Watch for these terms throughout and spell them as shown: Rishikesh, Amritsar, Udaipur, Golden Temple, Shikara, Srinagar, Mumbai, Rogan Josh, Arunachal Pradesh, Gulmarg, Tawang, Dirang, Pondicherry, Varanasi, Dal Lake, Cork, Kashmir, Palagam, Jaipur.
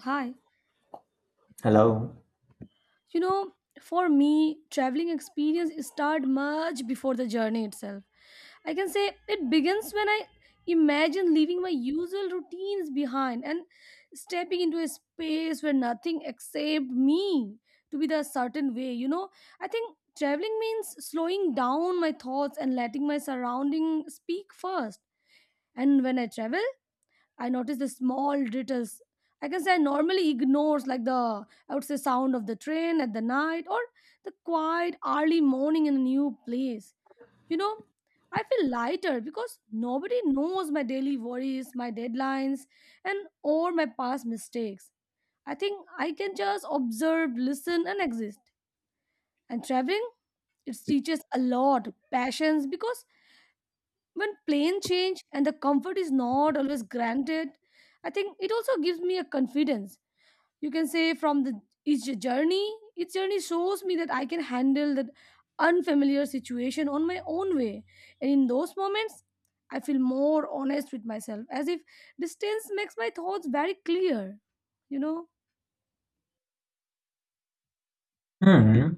Hi. Hello. You know, for me, traveling experience start much before the journey itself. I can say it begins when I imagine leaving my usual routines behind and stepping into a space where nothing except me to be the certain way. I think traveling means slowing down my thoughts and letting my surrounding speak first. And when I travel, I noticed the small details. I can say I normally ignores like the I would say sound of the train at the night or the quiet early morning in a new place. You know, I feel lighter because nobody knows my daily worries, my deadlines, and all my past mistakes. I think I can just observe, listen, and exist. And traveling, it teaches a lot, patience, because when plane change and the comfort is not always granted, I think it also gives me a confidence. You can say from the each journey shows me that I can handle that unfamiliar situation on my own way. And in those moments, I feel more honest with myself, as if distance makes my thoughts very clear. You know, Hmm.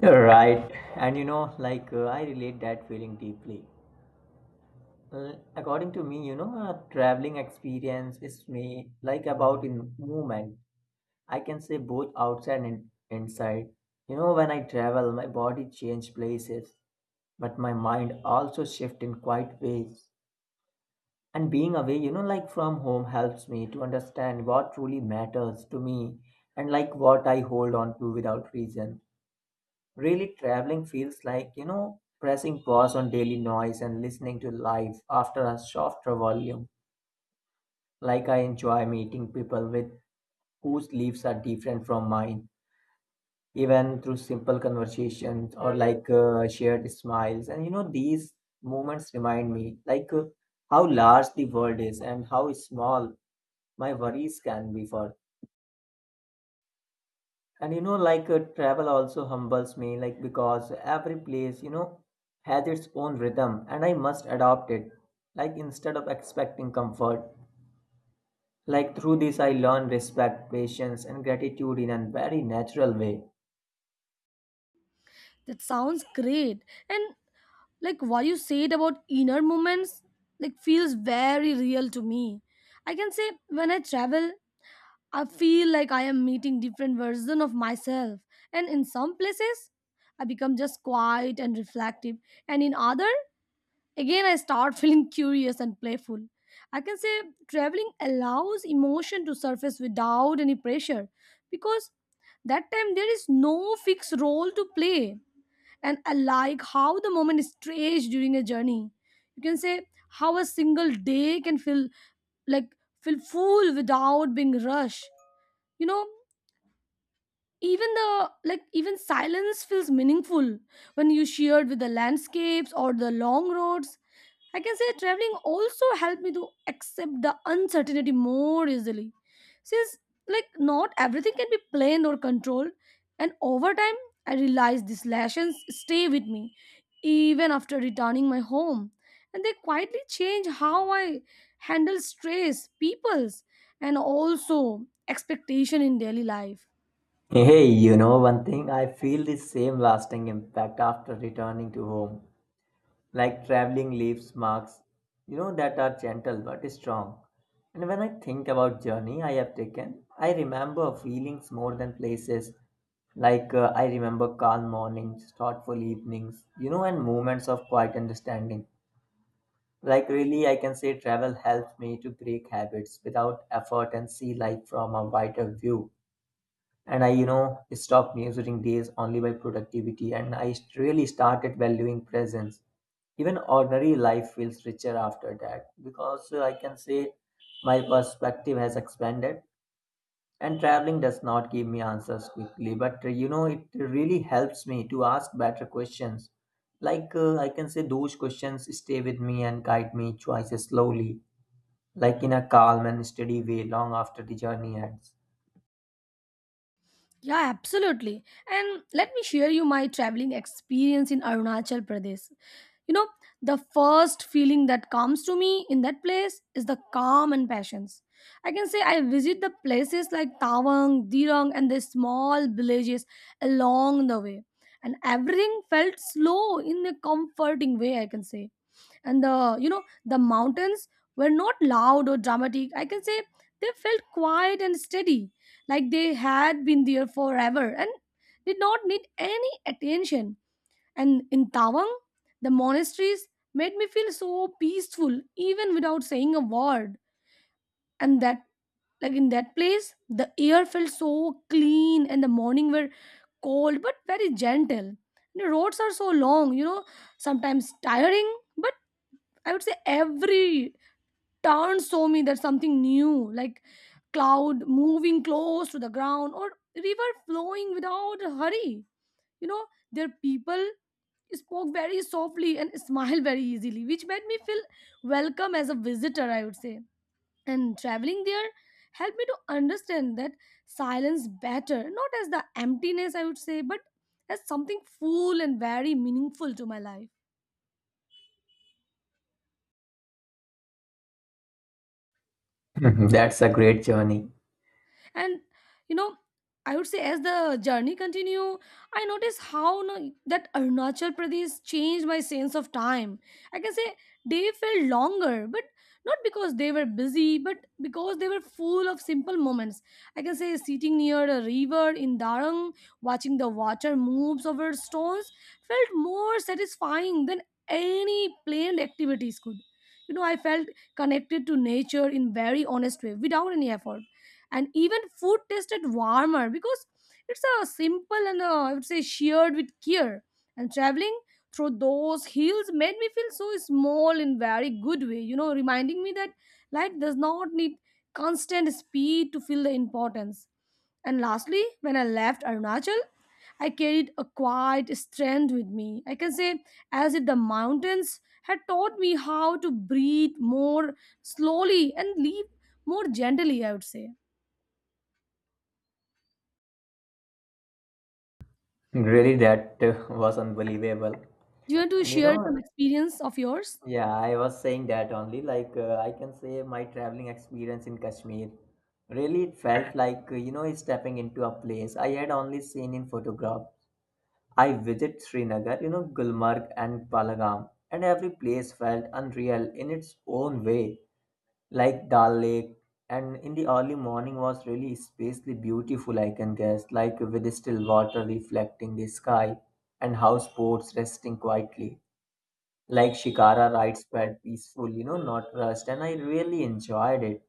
You're right. And you know, I relate that feeling deeply. According to me, you know, a traveling experience is me like about in movement. I can say both outside and inside. You know, when I travel, my body change places, but my mind also shift in quite ways. And being away, you know, like from home helps me to understand what truly matters to me and like what I hold on to without reason. Really, traveling feels like, you know, pressing pause on daily noise and listening to life after a softer volume. Like I enjoy meeting people with whose lives are different from mine, even through simple conversations or shared smiles. And you know, these moments remind me how large the world is and how small my worries can be for. And you know travel also humbles me like because every place you know has its own rhythm and I must adopt it, like instead of expecting comfort. Like through this I learn respect, patience, and gratitude in a very natural way. that sounds great. And like what you said about inner moments, like feels very real to me. I can say when I travel, I feel like I am meeting different version of myself and in some places I become just quiet and reflective and in other again I start feeling curious and playful. I can say traveling allows emotion to surface without any pressure because that time there is no fixed role to play and I like how the moment is stretched during a journey. You can say how a single day can feel like feel full without being rushed you know even the like even silence feels meaningful when you shared with the landscapes or the long roads. I can say traveling also helped me to accept the uncertainty more easily since like not everything can be planned or controlled, and over time I realized these lessons stay with me even after returning my home, and they quietly change how I handle stress peoples and also expectation in daily life. Hey, you know, one thing, I feel the same lasting impact after returning to home. Like traveling leaves marks, you know, that are gentle but strong. And when I think about journey I have taken, I remember feelings more than places. I remember calm mornings, thoughtful evenings, you know, and moments of quiet understanding. Like really, I can say travel helped me to break habits without effort and see life from a wider view, and I, you know, stopped measuring days only by productivity, and I really started valuing presence. Even ordinary life feels richer after that because I can say my perspective has expanded. And traveling does not give me answers quickly, but you know, it really helps me to ask better questions. I can say those questions stay with me and guide me choices slowly, like in a calm and steady way long after the journey ends. Yeah, absolutely. And let me share you my traveling experience in Arunachal Pradesh. You know, the first feeling that comes to me in that place is the calm and patience. I can say I visit the places like Tawang, Dirang, and the small villages along the way. And everything felt slow in a comforting way, I can say. And the mountains were not loud or dramatic. I can say they felt quiet and steady like they had been there forever and did not need any attention. And in Tawang, the monasteries made me feel so peaceful even without saying a word. And that, like in that place, the air felt so clean and the morning were cold but very gentle. The roads are so long, you know, sometimes tiring, but I would say every turn show me that something new like cloud moving close to the ground or river flowing without a hurry you know their people spoke very softly and smiled very easily, which made me feel welcome as a visitor, I would say. And traveling there helped me to understand that silence better, not as the emptiness I would say, but as something full and very meaningful to my life. That's a great journey. And you know I would say as the journey continue, I noticed how no, that Arunachal Pradesh changed my sense of time. I can say day felt longer but not because they were busy but because they were full of simple moments. I can say sitting near a river in Darang, watching the water moves over stones, felt more satisfying than any planned activities could. I felt connected to nature in very honest way without any effort. And even food tasted warmer because it's a simple and I would say shared with care. And traveling through those hills made me feel so small in very good way. You know, reminding me that life does not need constant speed to feel the importance. And lastly, when I left Arunachal, I carried a quiet strength with me. I can say as if the mountains had taught me how to breathe more slowly and live more gently, I would say. Really, that was unbelievable. Do you want to And you share some know, experience of yours? yeah, I was saying that only. Like, I can say my traveling experience in Kashmir, really it felt like, you know, stepping into a place I had only seen in photograph. I visited Srinagar, you know, Gulmarg and Palagam, and every place felt unreal in its own way, like Dal Lake, and in the early morning was really spacely beautiful, I can guess, like with still water reflecting the sky and houseboats resting quietly. Like Shikara rides felt peaceful, you know, not rushed, and I really enjoyed it,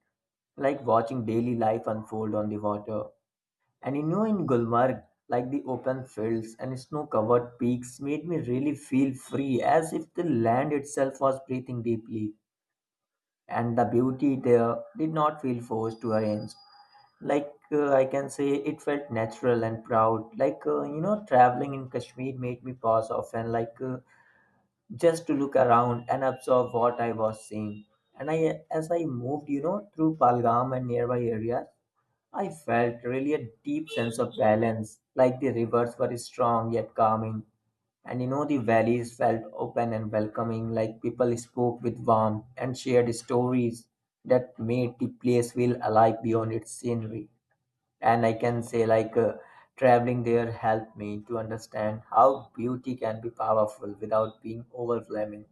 like watching daily life unfold on the water. And you know, in Gulmarg, like the open fields and snow covered peaks made me really feel free, as if the land itself was breathing deeply, and the beauty there did not feel forced to arrange. I can say, it felt natural and proud. You know, traveling in Kashmir made me pause often, just to look around and absorb what I was seeing. And as I moved, you know, through Palgam and nearby areas, I felt really a deep sense of balance. Like the rivers were strong yet calming, and you know, the valleys felt open and welcoming, like people spoke with warmth and shared stories that made the place feel alive beyond its scenery. And I can say, like, traveling there helped me to understand how beauty can be powerful without being overwhelming.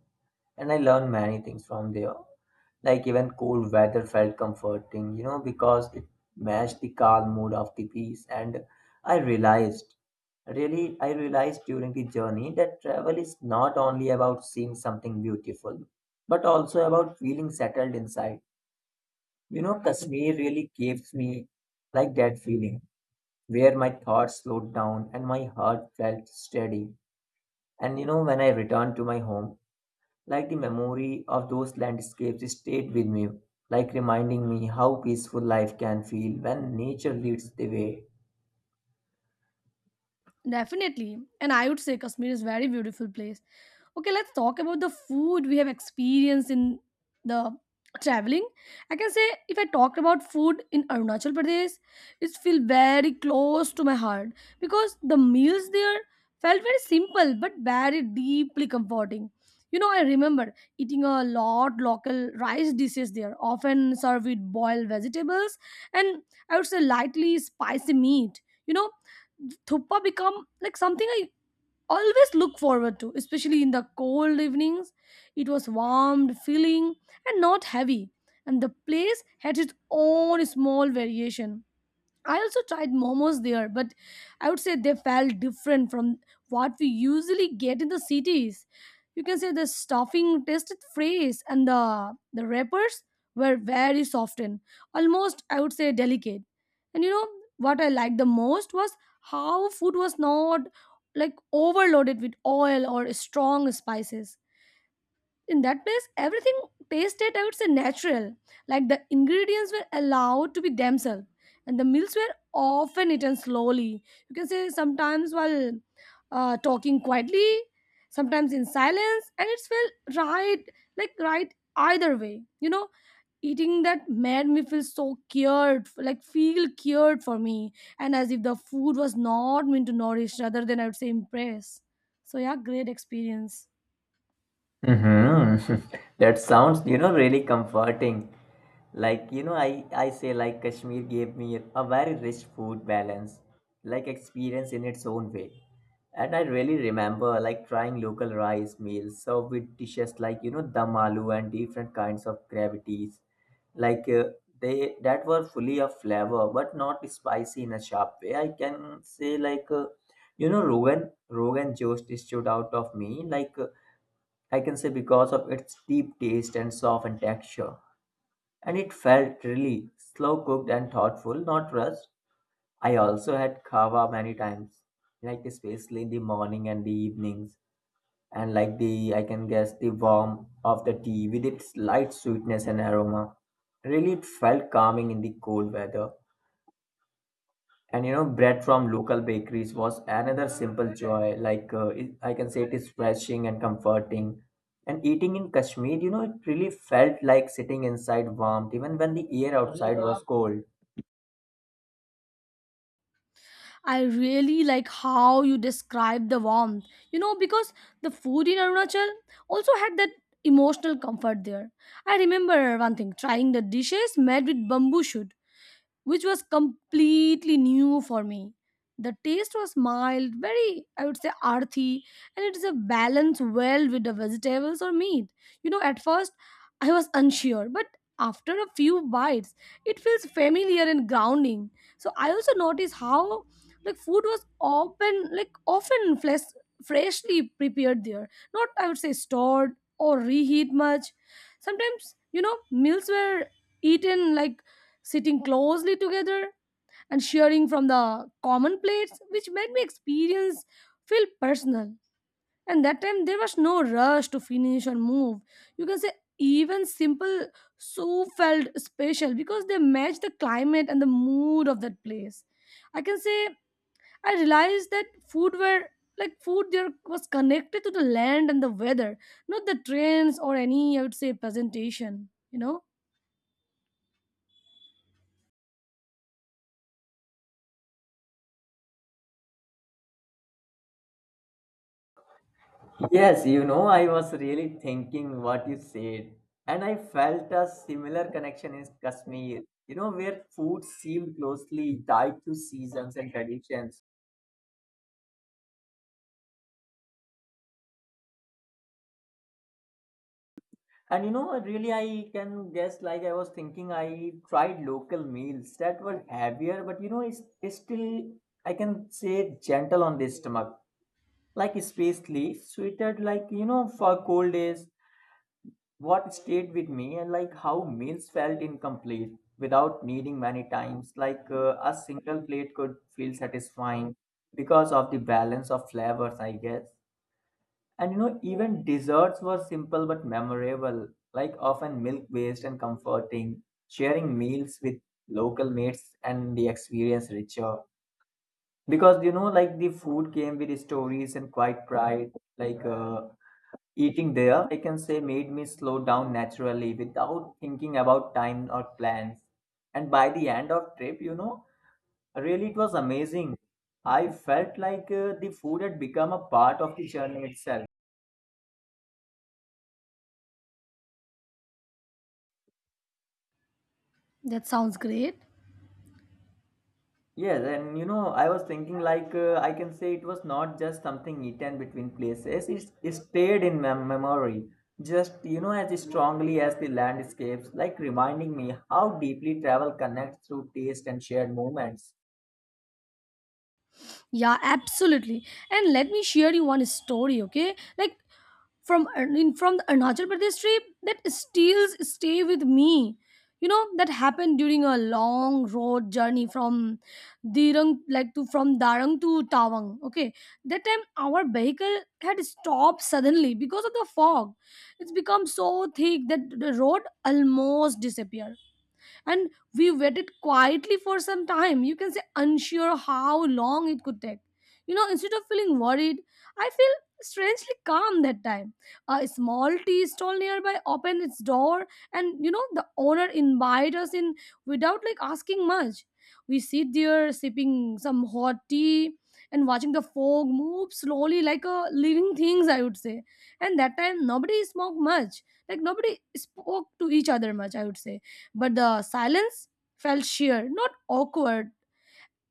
And I learned many things from there. Like, even cold weather felt comforting, you know, because it matched the calm mood of the peace. And I realized really, I realized during the journey that travel is not only about seeing something beautiful, but also about feeling settled inside. You know, Kashmir really gives me like that feeling where my thoughts slowed down and my heart felt steady. And you know, when I returned to my home, like the memory of those landscapes stayed with me, like reminding me how peaceful life can feel when nature leads the way. Definitely. And I would say Kashmir is very beautiful place. Okay, let's talk about the food we have experienced in the traveling. I can say if I talked about food in Arunachal Pradesh, it feel very close to my heart because the meals there felt very simple but very deeply comforting. You know, I remember eating a lot local rice dishes there, often served with boiled vegetables and I would say lightly spicy meat. You know, thuppa become like something I always look forward to, especially in the cold evenings. It was warmed, filling, and not heavy, and the place had its own small variation. I also tried momos there, but I would say they felt different from what we usually get in the cities. You can say the stuffing tasted fresh and the wrappers were very soft and almost I would say delicate. And you know what I liked the most was how food was not like overloaded with oil or strong spices. In that place everything tasted I would say natural, like the ingredients were allowed to be themselves, and the meals were often eaten slowly. You can say sometimes while talking quietly, sometimes in silence, and it's felt right like right either way. You know, eating that made me feel so cured, like feel cured for me, and as if the food was not meant to nourish rather than I would say impress. So yeah, great experience. Mm-hmm. That sounds, you know, really comforting. Like, you know, I say like Kashmir gave me a very rich food balance, like experience in its own way. And I really remember like trying local rice meals served with dishes like, you know, dum aloo and different kinds of gravities. Like uh, they that were fully of flavor, but not spicy in a sharp way. I can say like, you know, Rogan Josh stood out of me I can say because of its deep taste and softened texture. And it felt really slow cooked and thoughtful, not rushed. I also had kava many times, like especially in the morning and the evenings. And like the, I can guess, the warmth of the tea with its light sweetness and aroma. Really, it felt calming in the cold weather. And you know, bread from local bakeries was another simple joy. It, I can say, it is refreshing and comforting. And eating in Kashmir, you know, it really felt like sitting inside warmth, even when the air outside was cold. I really like how you describe the warmth. You know, because the food in Arunachal also had that emotional comfort there. I remember one thing trying the dishes made with bamboo shoot which was completely new for me. The taste was mild, very, I would say, earthy, and it is a balance well with the vegetables or meat. You know, at first I was unsure, but after a few bites, it feels familiar and grounding. So I also noticed how like food was often flesh, freshly prepared there, not I would say stored or reheat much. Sometimes you know meals were eaten like sitting closely together and sharing from the common plates, which made my experience feel personal. And that time there was no rush to finish or move. You can say even simple soup felt special because they matched the climate and the mood of that place. I can say I realized that food were like food there was connected to the land and the weather, not the trends or any I would say presentation. Yes, you know, I was really thinking what you said, and I felt a similar connection in Kashmir. You know, where food seemed closely tied to seasons and traditions. And you know, really, I can guess, like I was thinking, I tried local meals that were heavier, but you know, it's still, I can say, gentle on the stomach. Like, especially sweeter, like, you know, for cold days, what stayed with me and like how meals felt incomplete without needing many times. Like, a single plate could feel satisfying because of the balance of flavors, I guess. And you know, even desserts were simple but memorable, like often milk-based and comforting, sharing meals with local mates and the experience richer. Because you know, like the food came with stories and quite pride. Like uh, Eating there, I can say, made me slow down naturally without thinking about time or plans. And by the end of trip, you know, really it was amazing. I felt the food had become a part of the journey itself. That sounds great. Yes, and you know, I was thinking I can say it was not just something eaten between places. It stayed in my memory, just you know, as strongly as the landscapes, like reminding me how deeply travel connects through taste and shared moments. Yeah, absolutely. And let me share you one story, okay? Like from the Arunachal Pradesh trip that still stay with me. You know that happened during a long road journey from Dirang like to from Darang to Tawang. Okay, that time our vehicle had stopped suddenly because of the fog. It's become so thick that the road almost disappeared, and we waited quietly for some time. You can say unsure how long it could take. You know, instead of feeling worried, I feel strangely calm. That time, a small tea stall nearby opened its door, and you know the owner invited us in without like asking much. We sit there sipping some hot tea and watching the fog move slowly like a living things, I would say. And that time nobody smoked much, like nobody spoke to each other much I would say, but the silence felt sheer, not awkward.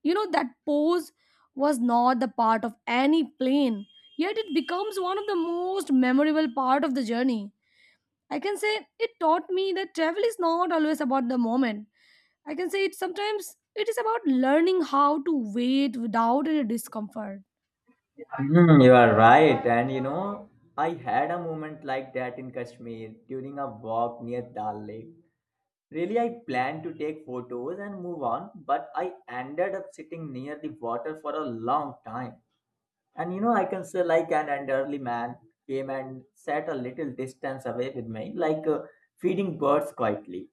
You know, that pose was not the part of any plane, yet it becomes one of the most memorable part of the journey. I can say it taught me that travel is not always about the moment. I can say it sometimes it is about learning how to wait without any discomfort. Mhm, you are right, and you know, I had a moment like that in Kashmir during a walk near Dal Lake. Really, I planned to take photos and move on, but I ended up sitting near the water for a long time. And you know, I can say like an elderly man came and sat a little distance away with me, feeding birds quietly.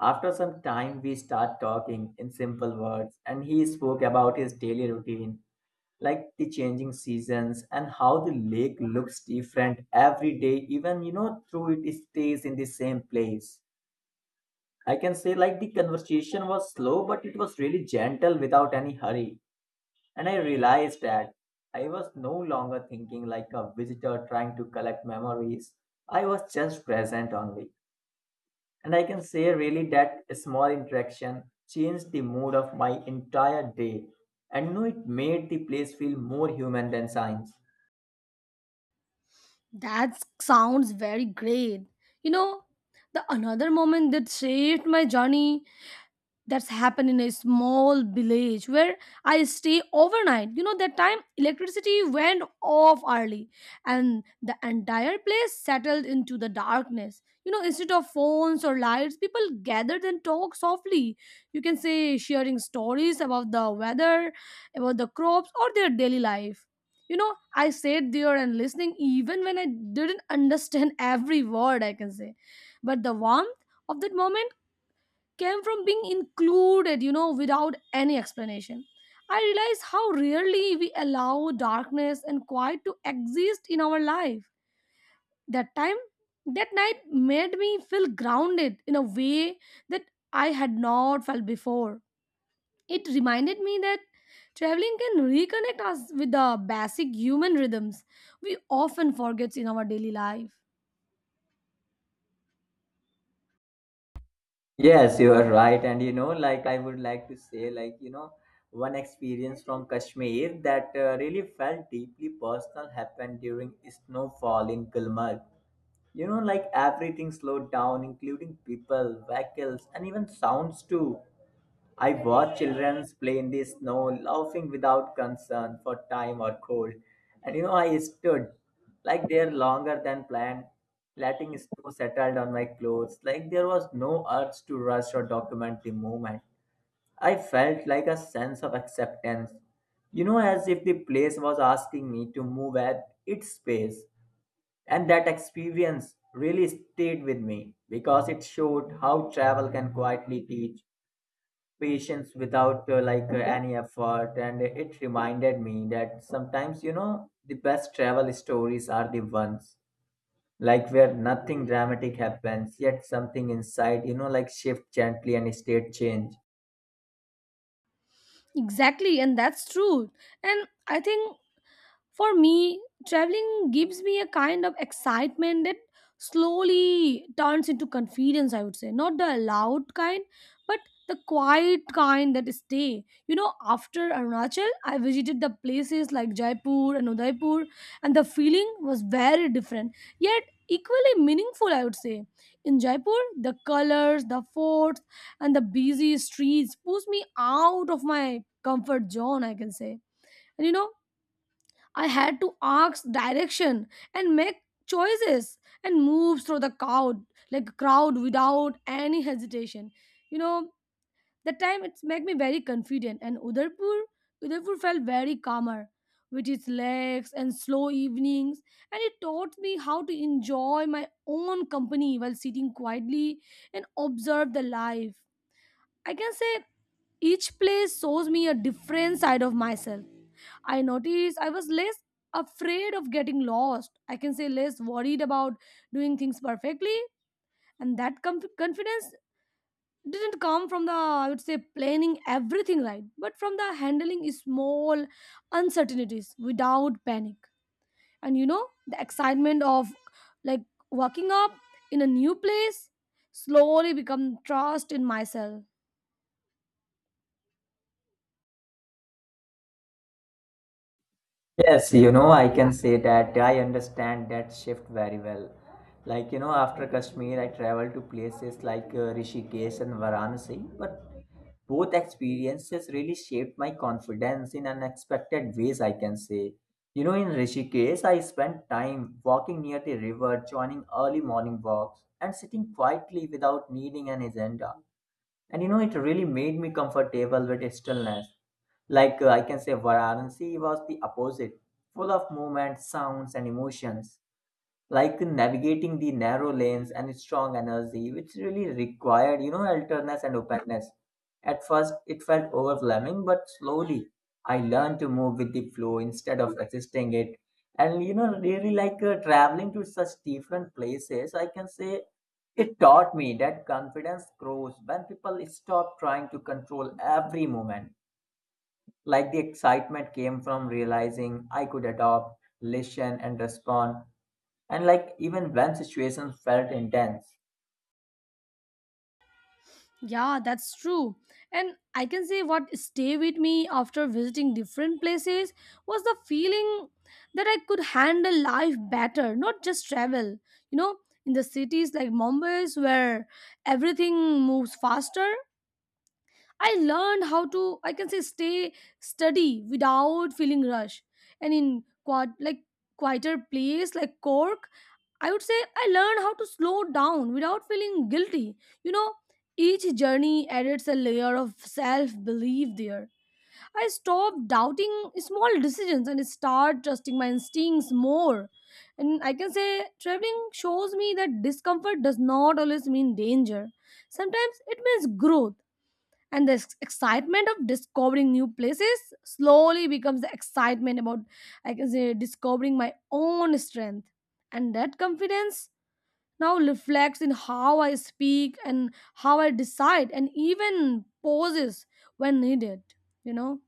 After some time, we start talking in simple words, and he spoke about his daily routine, like the changing seasons and how the lake looks different every day, even you know, through it stays in the same place. I can say like the conversation was slow, but it was really gentle without any hurry. And I realized that I was no longer thinking like a visitor trying to collect memories. I was just present only. And I can say, really, that small interaction changed the mood of my entire day. And you it made the place feel more human than science. That sounds very great. You know, the another moment that shaped my journey that's happened in a small village where I stay overnight. You know, that time electricity went off early and the entire place settled into the darkness. You know, instead of phones or lights, people gathered and talked softly. You can say sharing stories about the weather, about the crops, or their daily life. You know, I sat there and listening even when I didn't understand every word, I can say. But the warmth of that moment came from being included, you know, without any explanation. I realize how rarely we allow darkness and quiet to exist in our life. That time, that night made me feel grounded in a way that I had not felt before. It reminded me that traveling can reconnect us with the basic human rhythms we often forget in our daily life. Yes, you are right. And you know, like I would like to say, like, you know, one experience from Kashmir that really felt deeply personal happened during snowfall in Gulmarg. You know, like everything slowed down, including people, vehicles, and even sounds too. I watched children play in the snow, laughing without concern for time or cold. And you know, I stood like there longer than planned, letting snow settle on my clothes, like there was no urge to rush or document the moment. I felt like a sense of acceptance, you know, as if the place was asking me to move at its pace. And that experience really stayed with me because it showed how travel can quietly teach patience without any effort. And it reminded me that sometimes, you know, the best travel stories are the ones like where nothing dramatic happens, yet something inside, you know, like shift gently and state change. Exactly, and that's true. And I think, for me, traveling gives me a kind of excitement that slowly turns into confidence, I would say. Not the loud kind, but the quiet kind that stay. You know, after Arunachal, I visited the places like Jaipur and Udaipur, and the feeling was very different, yet equally meaningful, I would say. In Jaipur, the colors, the forts, and the busy streets pushed me out of my comfort zone, I can say. And you know, I had to ask direction and make choices and move through the crowd, like crowd, without any hesitation. You know, that time it's made me very confident and Udaipur felt very calmer with its legs and slow evenings, and it taught me how to enjoy my own company while sitting quietly and observe the life. I can say each place shows me a different side of myself. I noticed I was less afraid of getting lost. I can say less worried about doing things perfectly. And that confidence didn't come from the, I would say, planning everything right, but from the handling small uncertainties without panic. And you know, the excitement of, like, walking up in a new place slowly become trust in myself. Yes, you know, I can say that I understand that shift very well. Like, you know, after Kashmir, I traveled to places Rishikesh and Varanasi, but both experiences really shaped my confidence in unexpected ways, I can say. You know, in Rishikesh, I spent time walking near the river, joining early morning walks, and sitting quietly without needing an agenda. And you know, it really made me comfortable with its stillness. Like I can say, Varanasi was the opposite, full of movement, sounds, and emotions like navigating the narrow lanes and strong energy, which really required, you know, alertness and openness. At first, it felt overwhelming, but slowly I learned to move with the flow instead of resisting it. And, you know, really like traveling to such different places, I can say it taught me that confidence grows when people stop trying to control every moment. Like the excitement came from realizing I could adopt, listen, and respond, and like even when situations felt intense. Yeah, that's true. And I can say what stay with me after visiting different places was the feeling that I could handle life better, not just travel. You know, in the cities like Mumbai where everything moves faster, I learned how to, I can say, stay study without feeling rush. And in quad like quieter place like Cork, I would say I learned how to slow down without feeling guilty. You know, each journey adds a layer of self belief there. I stopped doubting small decisions and start trusting my instincts more. And I can say traveling shows me that discomfort does not always mean danger. Sometimes it means growth. And the excitement of discovering new places slowly becomes the excitement about, I can say, discovering my own strength. And that confidence now reflects in how I speak and how I decide and even pauses when needed, you know?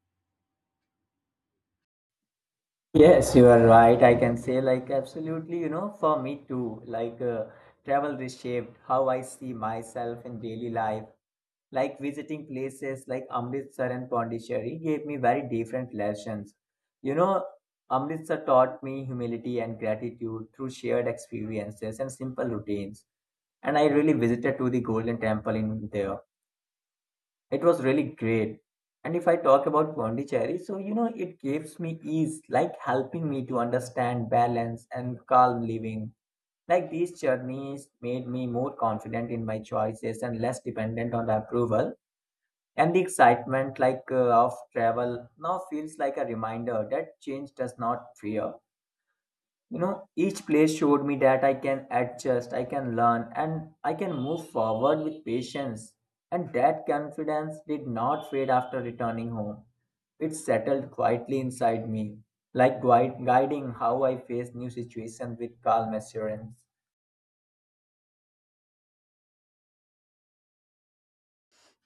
Yes, you are right. I can say, like, absolutely, you know, for me too, like, travel reshaped how I see myself in daily life. Like, visiting places like Amritsar and Pondicherry gave me very different lessons. You know, Amritsar taught me humility and gratitude through shared experiences and simple routines, and I really visited to the Golden Temple in there. It was really great. And if I talk about Pondicherry, so you know, it gives me ease, like helping me to understand balance and calm living. Like these journeys made me more confident in my choices and less dependent on the approval. And the excitement, like of travel, now feels like a reminder that change does not fear. You know, each place showed me that I can adjust, I can learn, and I can move forward with patience, and that confidence did not fade after returning home. It settled quietly inside me, like guiding how I face new situations with calm assurance.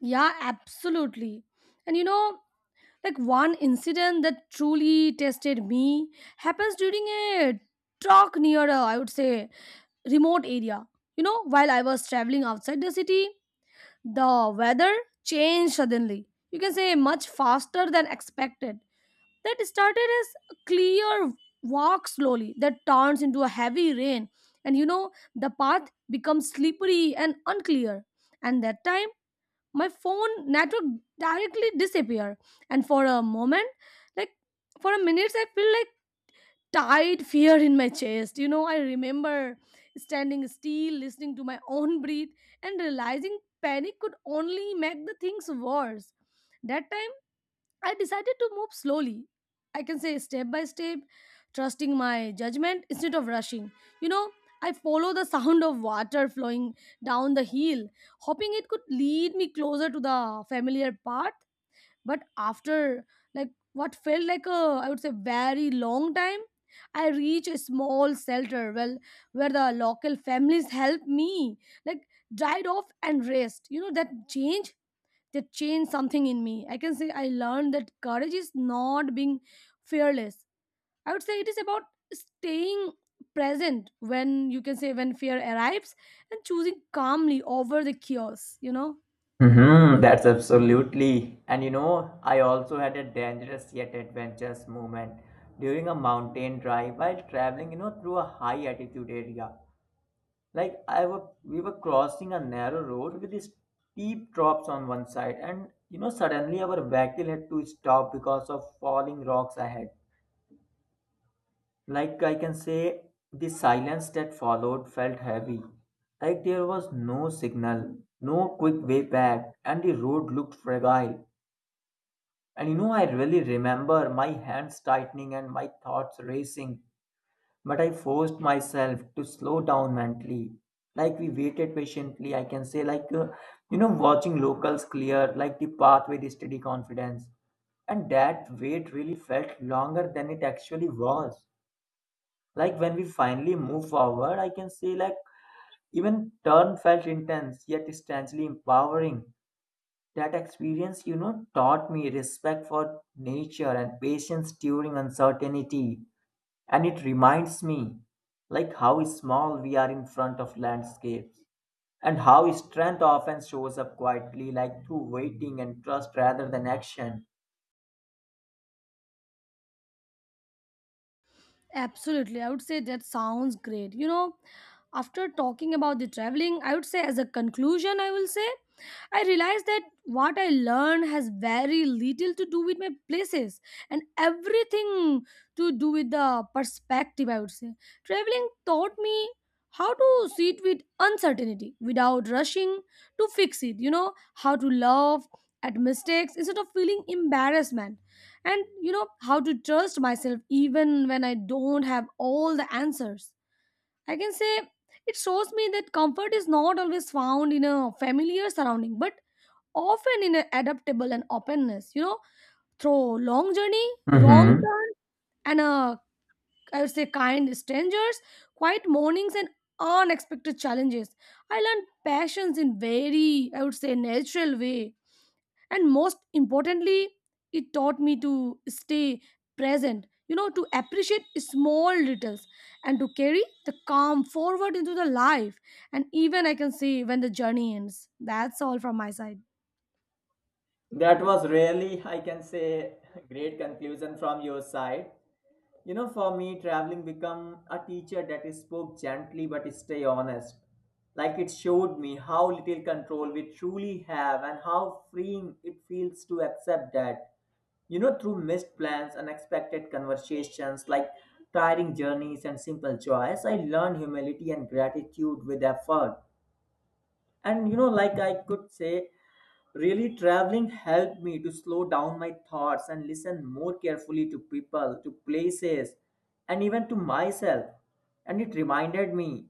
Yeah, absolutely. And you know, like, one incident that truly tested me happens during a talk near a, I would say, remote area. You know, while I was traveling outside the city, the weather changed suddenly. You can say much faster than expected. That started as a clear walk slowly that turns into a heavy rain, and you know the path becomes slippery and unclear, and that time my phone network directly disappeared. And for a moment, like, for a minute I feel like tight fear in my chest. You know, I remember standing still, listening to my own breath and realizing panic could only make the things worse. That time I decided to move slowly. I can say step by step, trusting my judgment instead of rushing. You know, I follow the sound of water flowing down the hill, hoping it could lead me closer to the familiar path. But after, like, what felt like a, I would say, very long time, I reach a small shelter well where the local families help me, like, dried off and rest. You know, that changed something in me. I can say I learned that courage is not being fearless. I would say it is about staying present when, you can say, when fear arrives and choosing calmly over the chaos, you know. Hmm, that's absolutely. And you know, I also had a dangerous yet adventurous moment during a mountain drive while traveling, you know, through a high altitude area. Like we were crossing a narrow road with steep drops on one side, and you know suddenly our vehicle had to stop because of falling rocks ahead. Like I can say, the silence that followed felt heavy. Like there was no signal, no quick way back, and the road looked fragile. And you know, I really remember my hands tightening and my thoughts racing. But I forced myself to slow down mentally. Like we waited patiently, I can say, like, you know, watching locals clear, like the pathway with steady confidence. And that wait really felt longer than it actually was. Like when we finally moved forward, I can say, like, even turn felt intense, yet strangely empowering. That experience, you know, taught me respect for nature and patience during uncertainty. And it reminds me like how small we are in front of landscapes and how strength often shows up quietly, like through waiting and trust rather than action. Absolutely. I would say that sounds great. You know, after talking about the traveling, I would say as a conclusion, I will say I realized that what I learned has very little to do with my places and everything to do with the perspective, I would say. Traveling taught me how to sit with uncertainty without rushing to fix it, you know, how to laugh at mistakes instead of feeling embarrassment, and you know how to trust myself even when I don't have all the answers. I can say it shows me that comfort is not always found in a familiar surrounding, but often in an adaptable and openness, you know, through long journey, wrong turn, and I would say kind strangers, quiet mornings, and unexpected challenges. I learned passions in very, I would say, natural way. And most importantly, it taught me to stay present, you know, to appreciate small details and to carry the calm forward into the life, and even I can say when the journey ends. That's all from my side. That was really, I can say, great conclusion from your side. You know, for me, traveling become a teacher that is spoke gently but stay honest. Like it showed me how little control we truly have and how freeing it feels to accept that. You know, through missed plans, unexpected conversations, like tiring journeys and simple joys, I learned humility and gratitude with effort. And you know, like I could say, really traveling helped me to slow down my thoughts and listen more carefully to people, to places, and even to myself. And it reminded me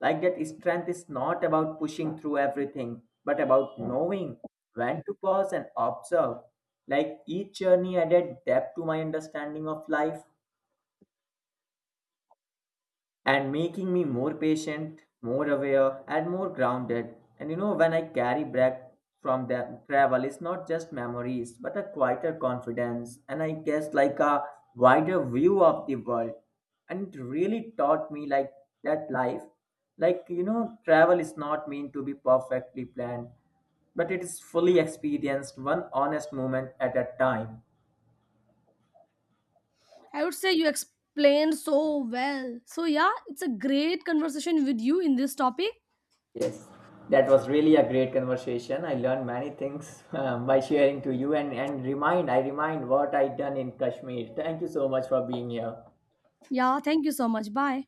like that strength is not about pushing through everything, but about knowing when to pause and observe. Like each journey added depth to my understanding of life, and making me more patient, more aware, and more grounded. And you know, when I carry back from the travel, it's not just memories, but a quieter confidence, and I guess like a wider view of the world. And it really taught me like that life, like you know, travel is not meant to be perfectly planned, but it is fully experienced one honest moment at a time. I would say you explained so well, so yeah, it's a great conversation with you in this topic. Yes, that was really a great conversation. I learned many things by sharing to you, and I remind what I done in Kashmir. Thank you so much for being here. Yeah, thank you so much. Bye.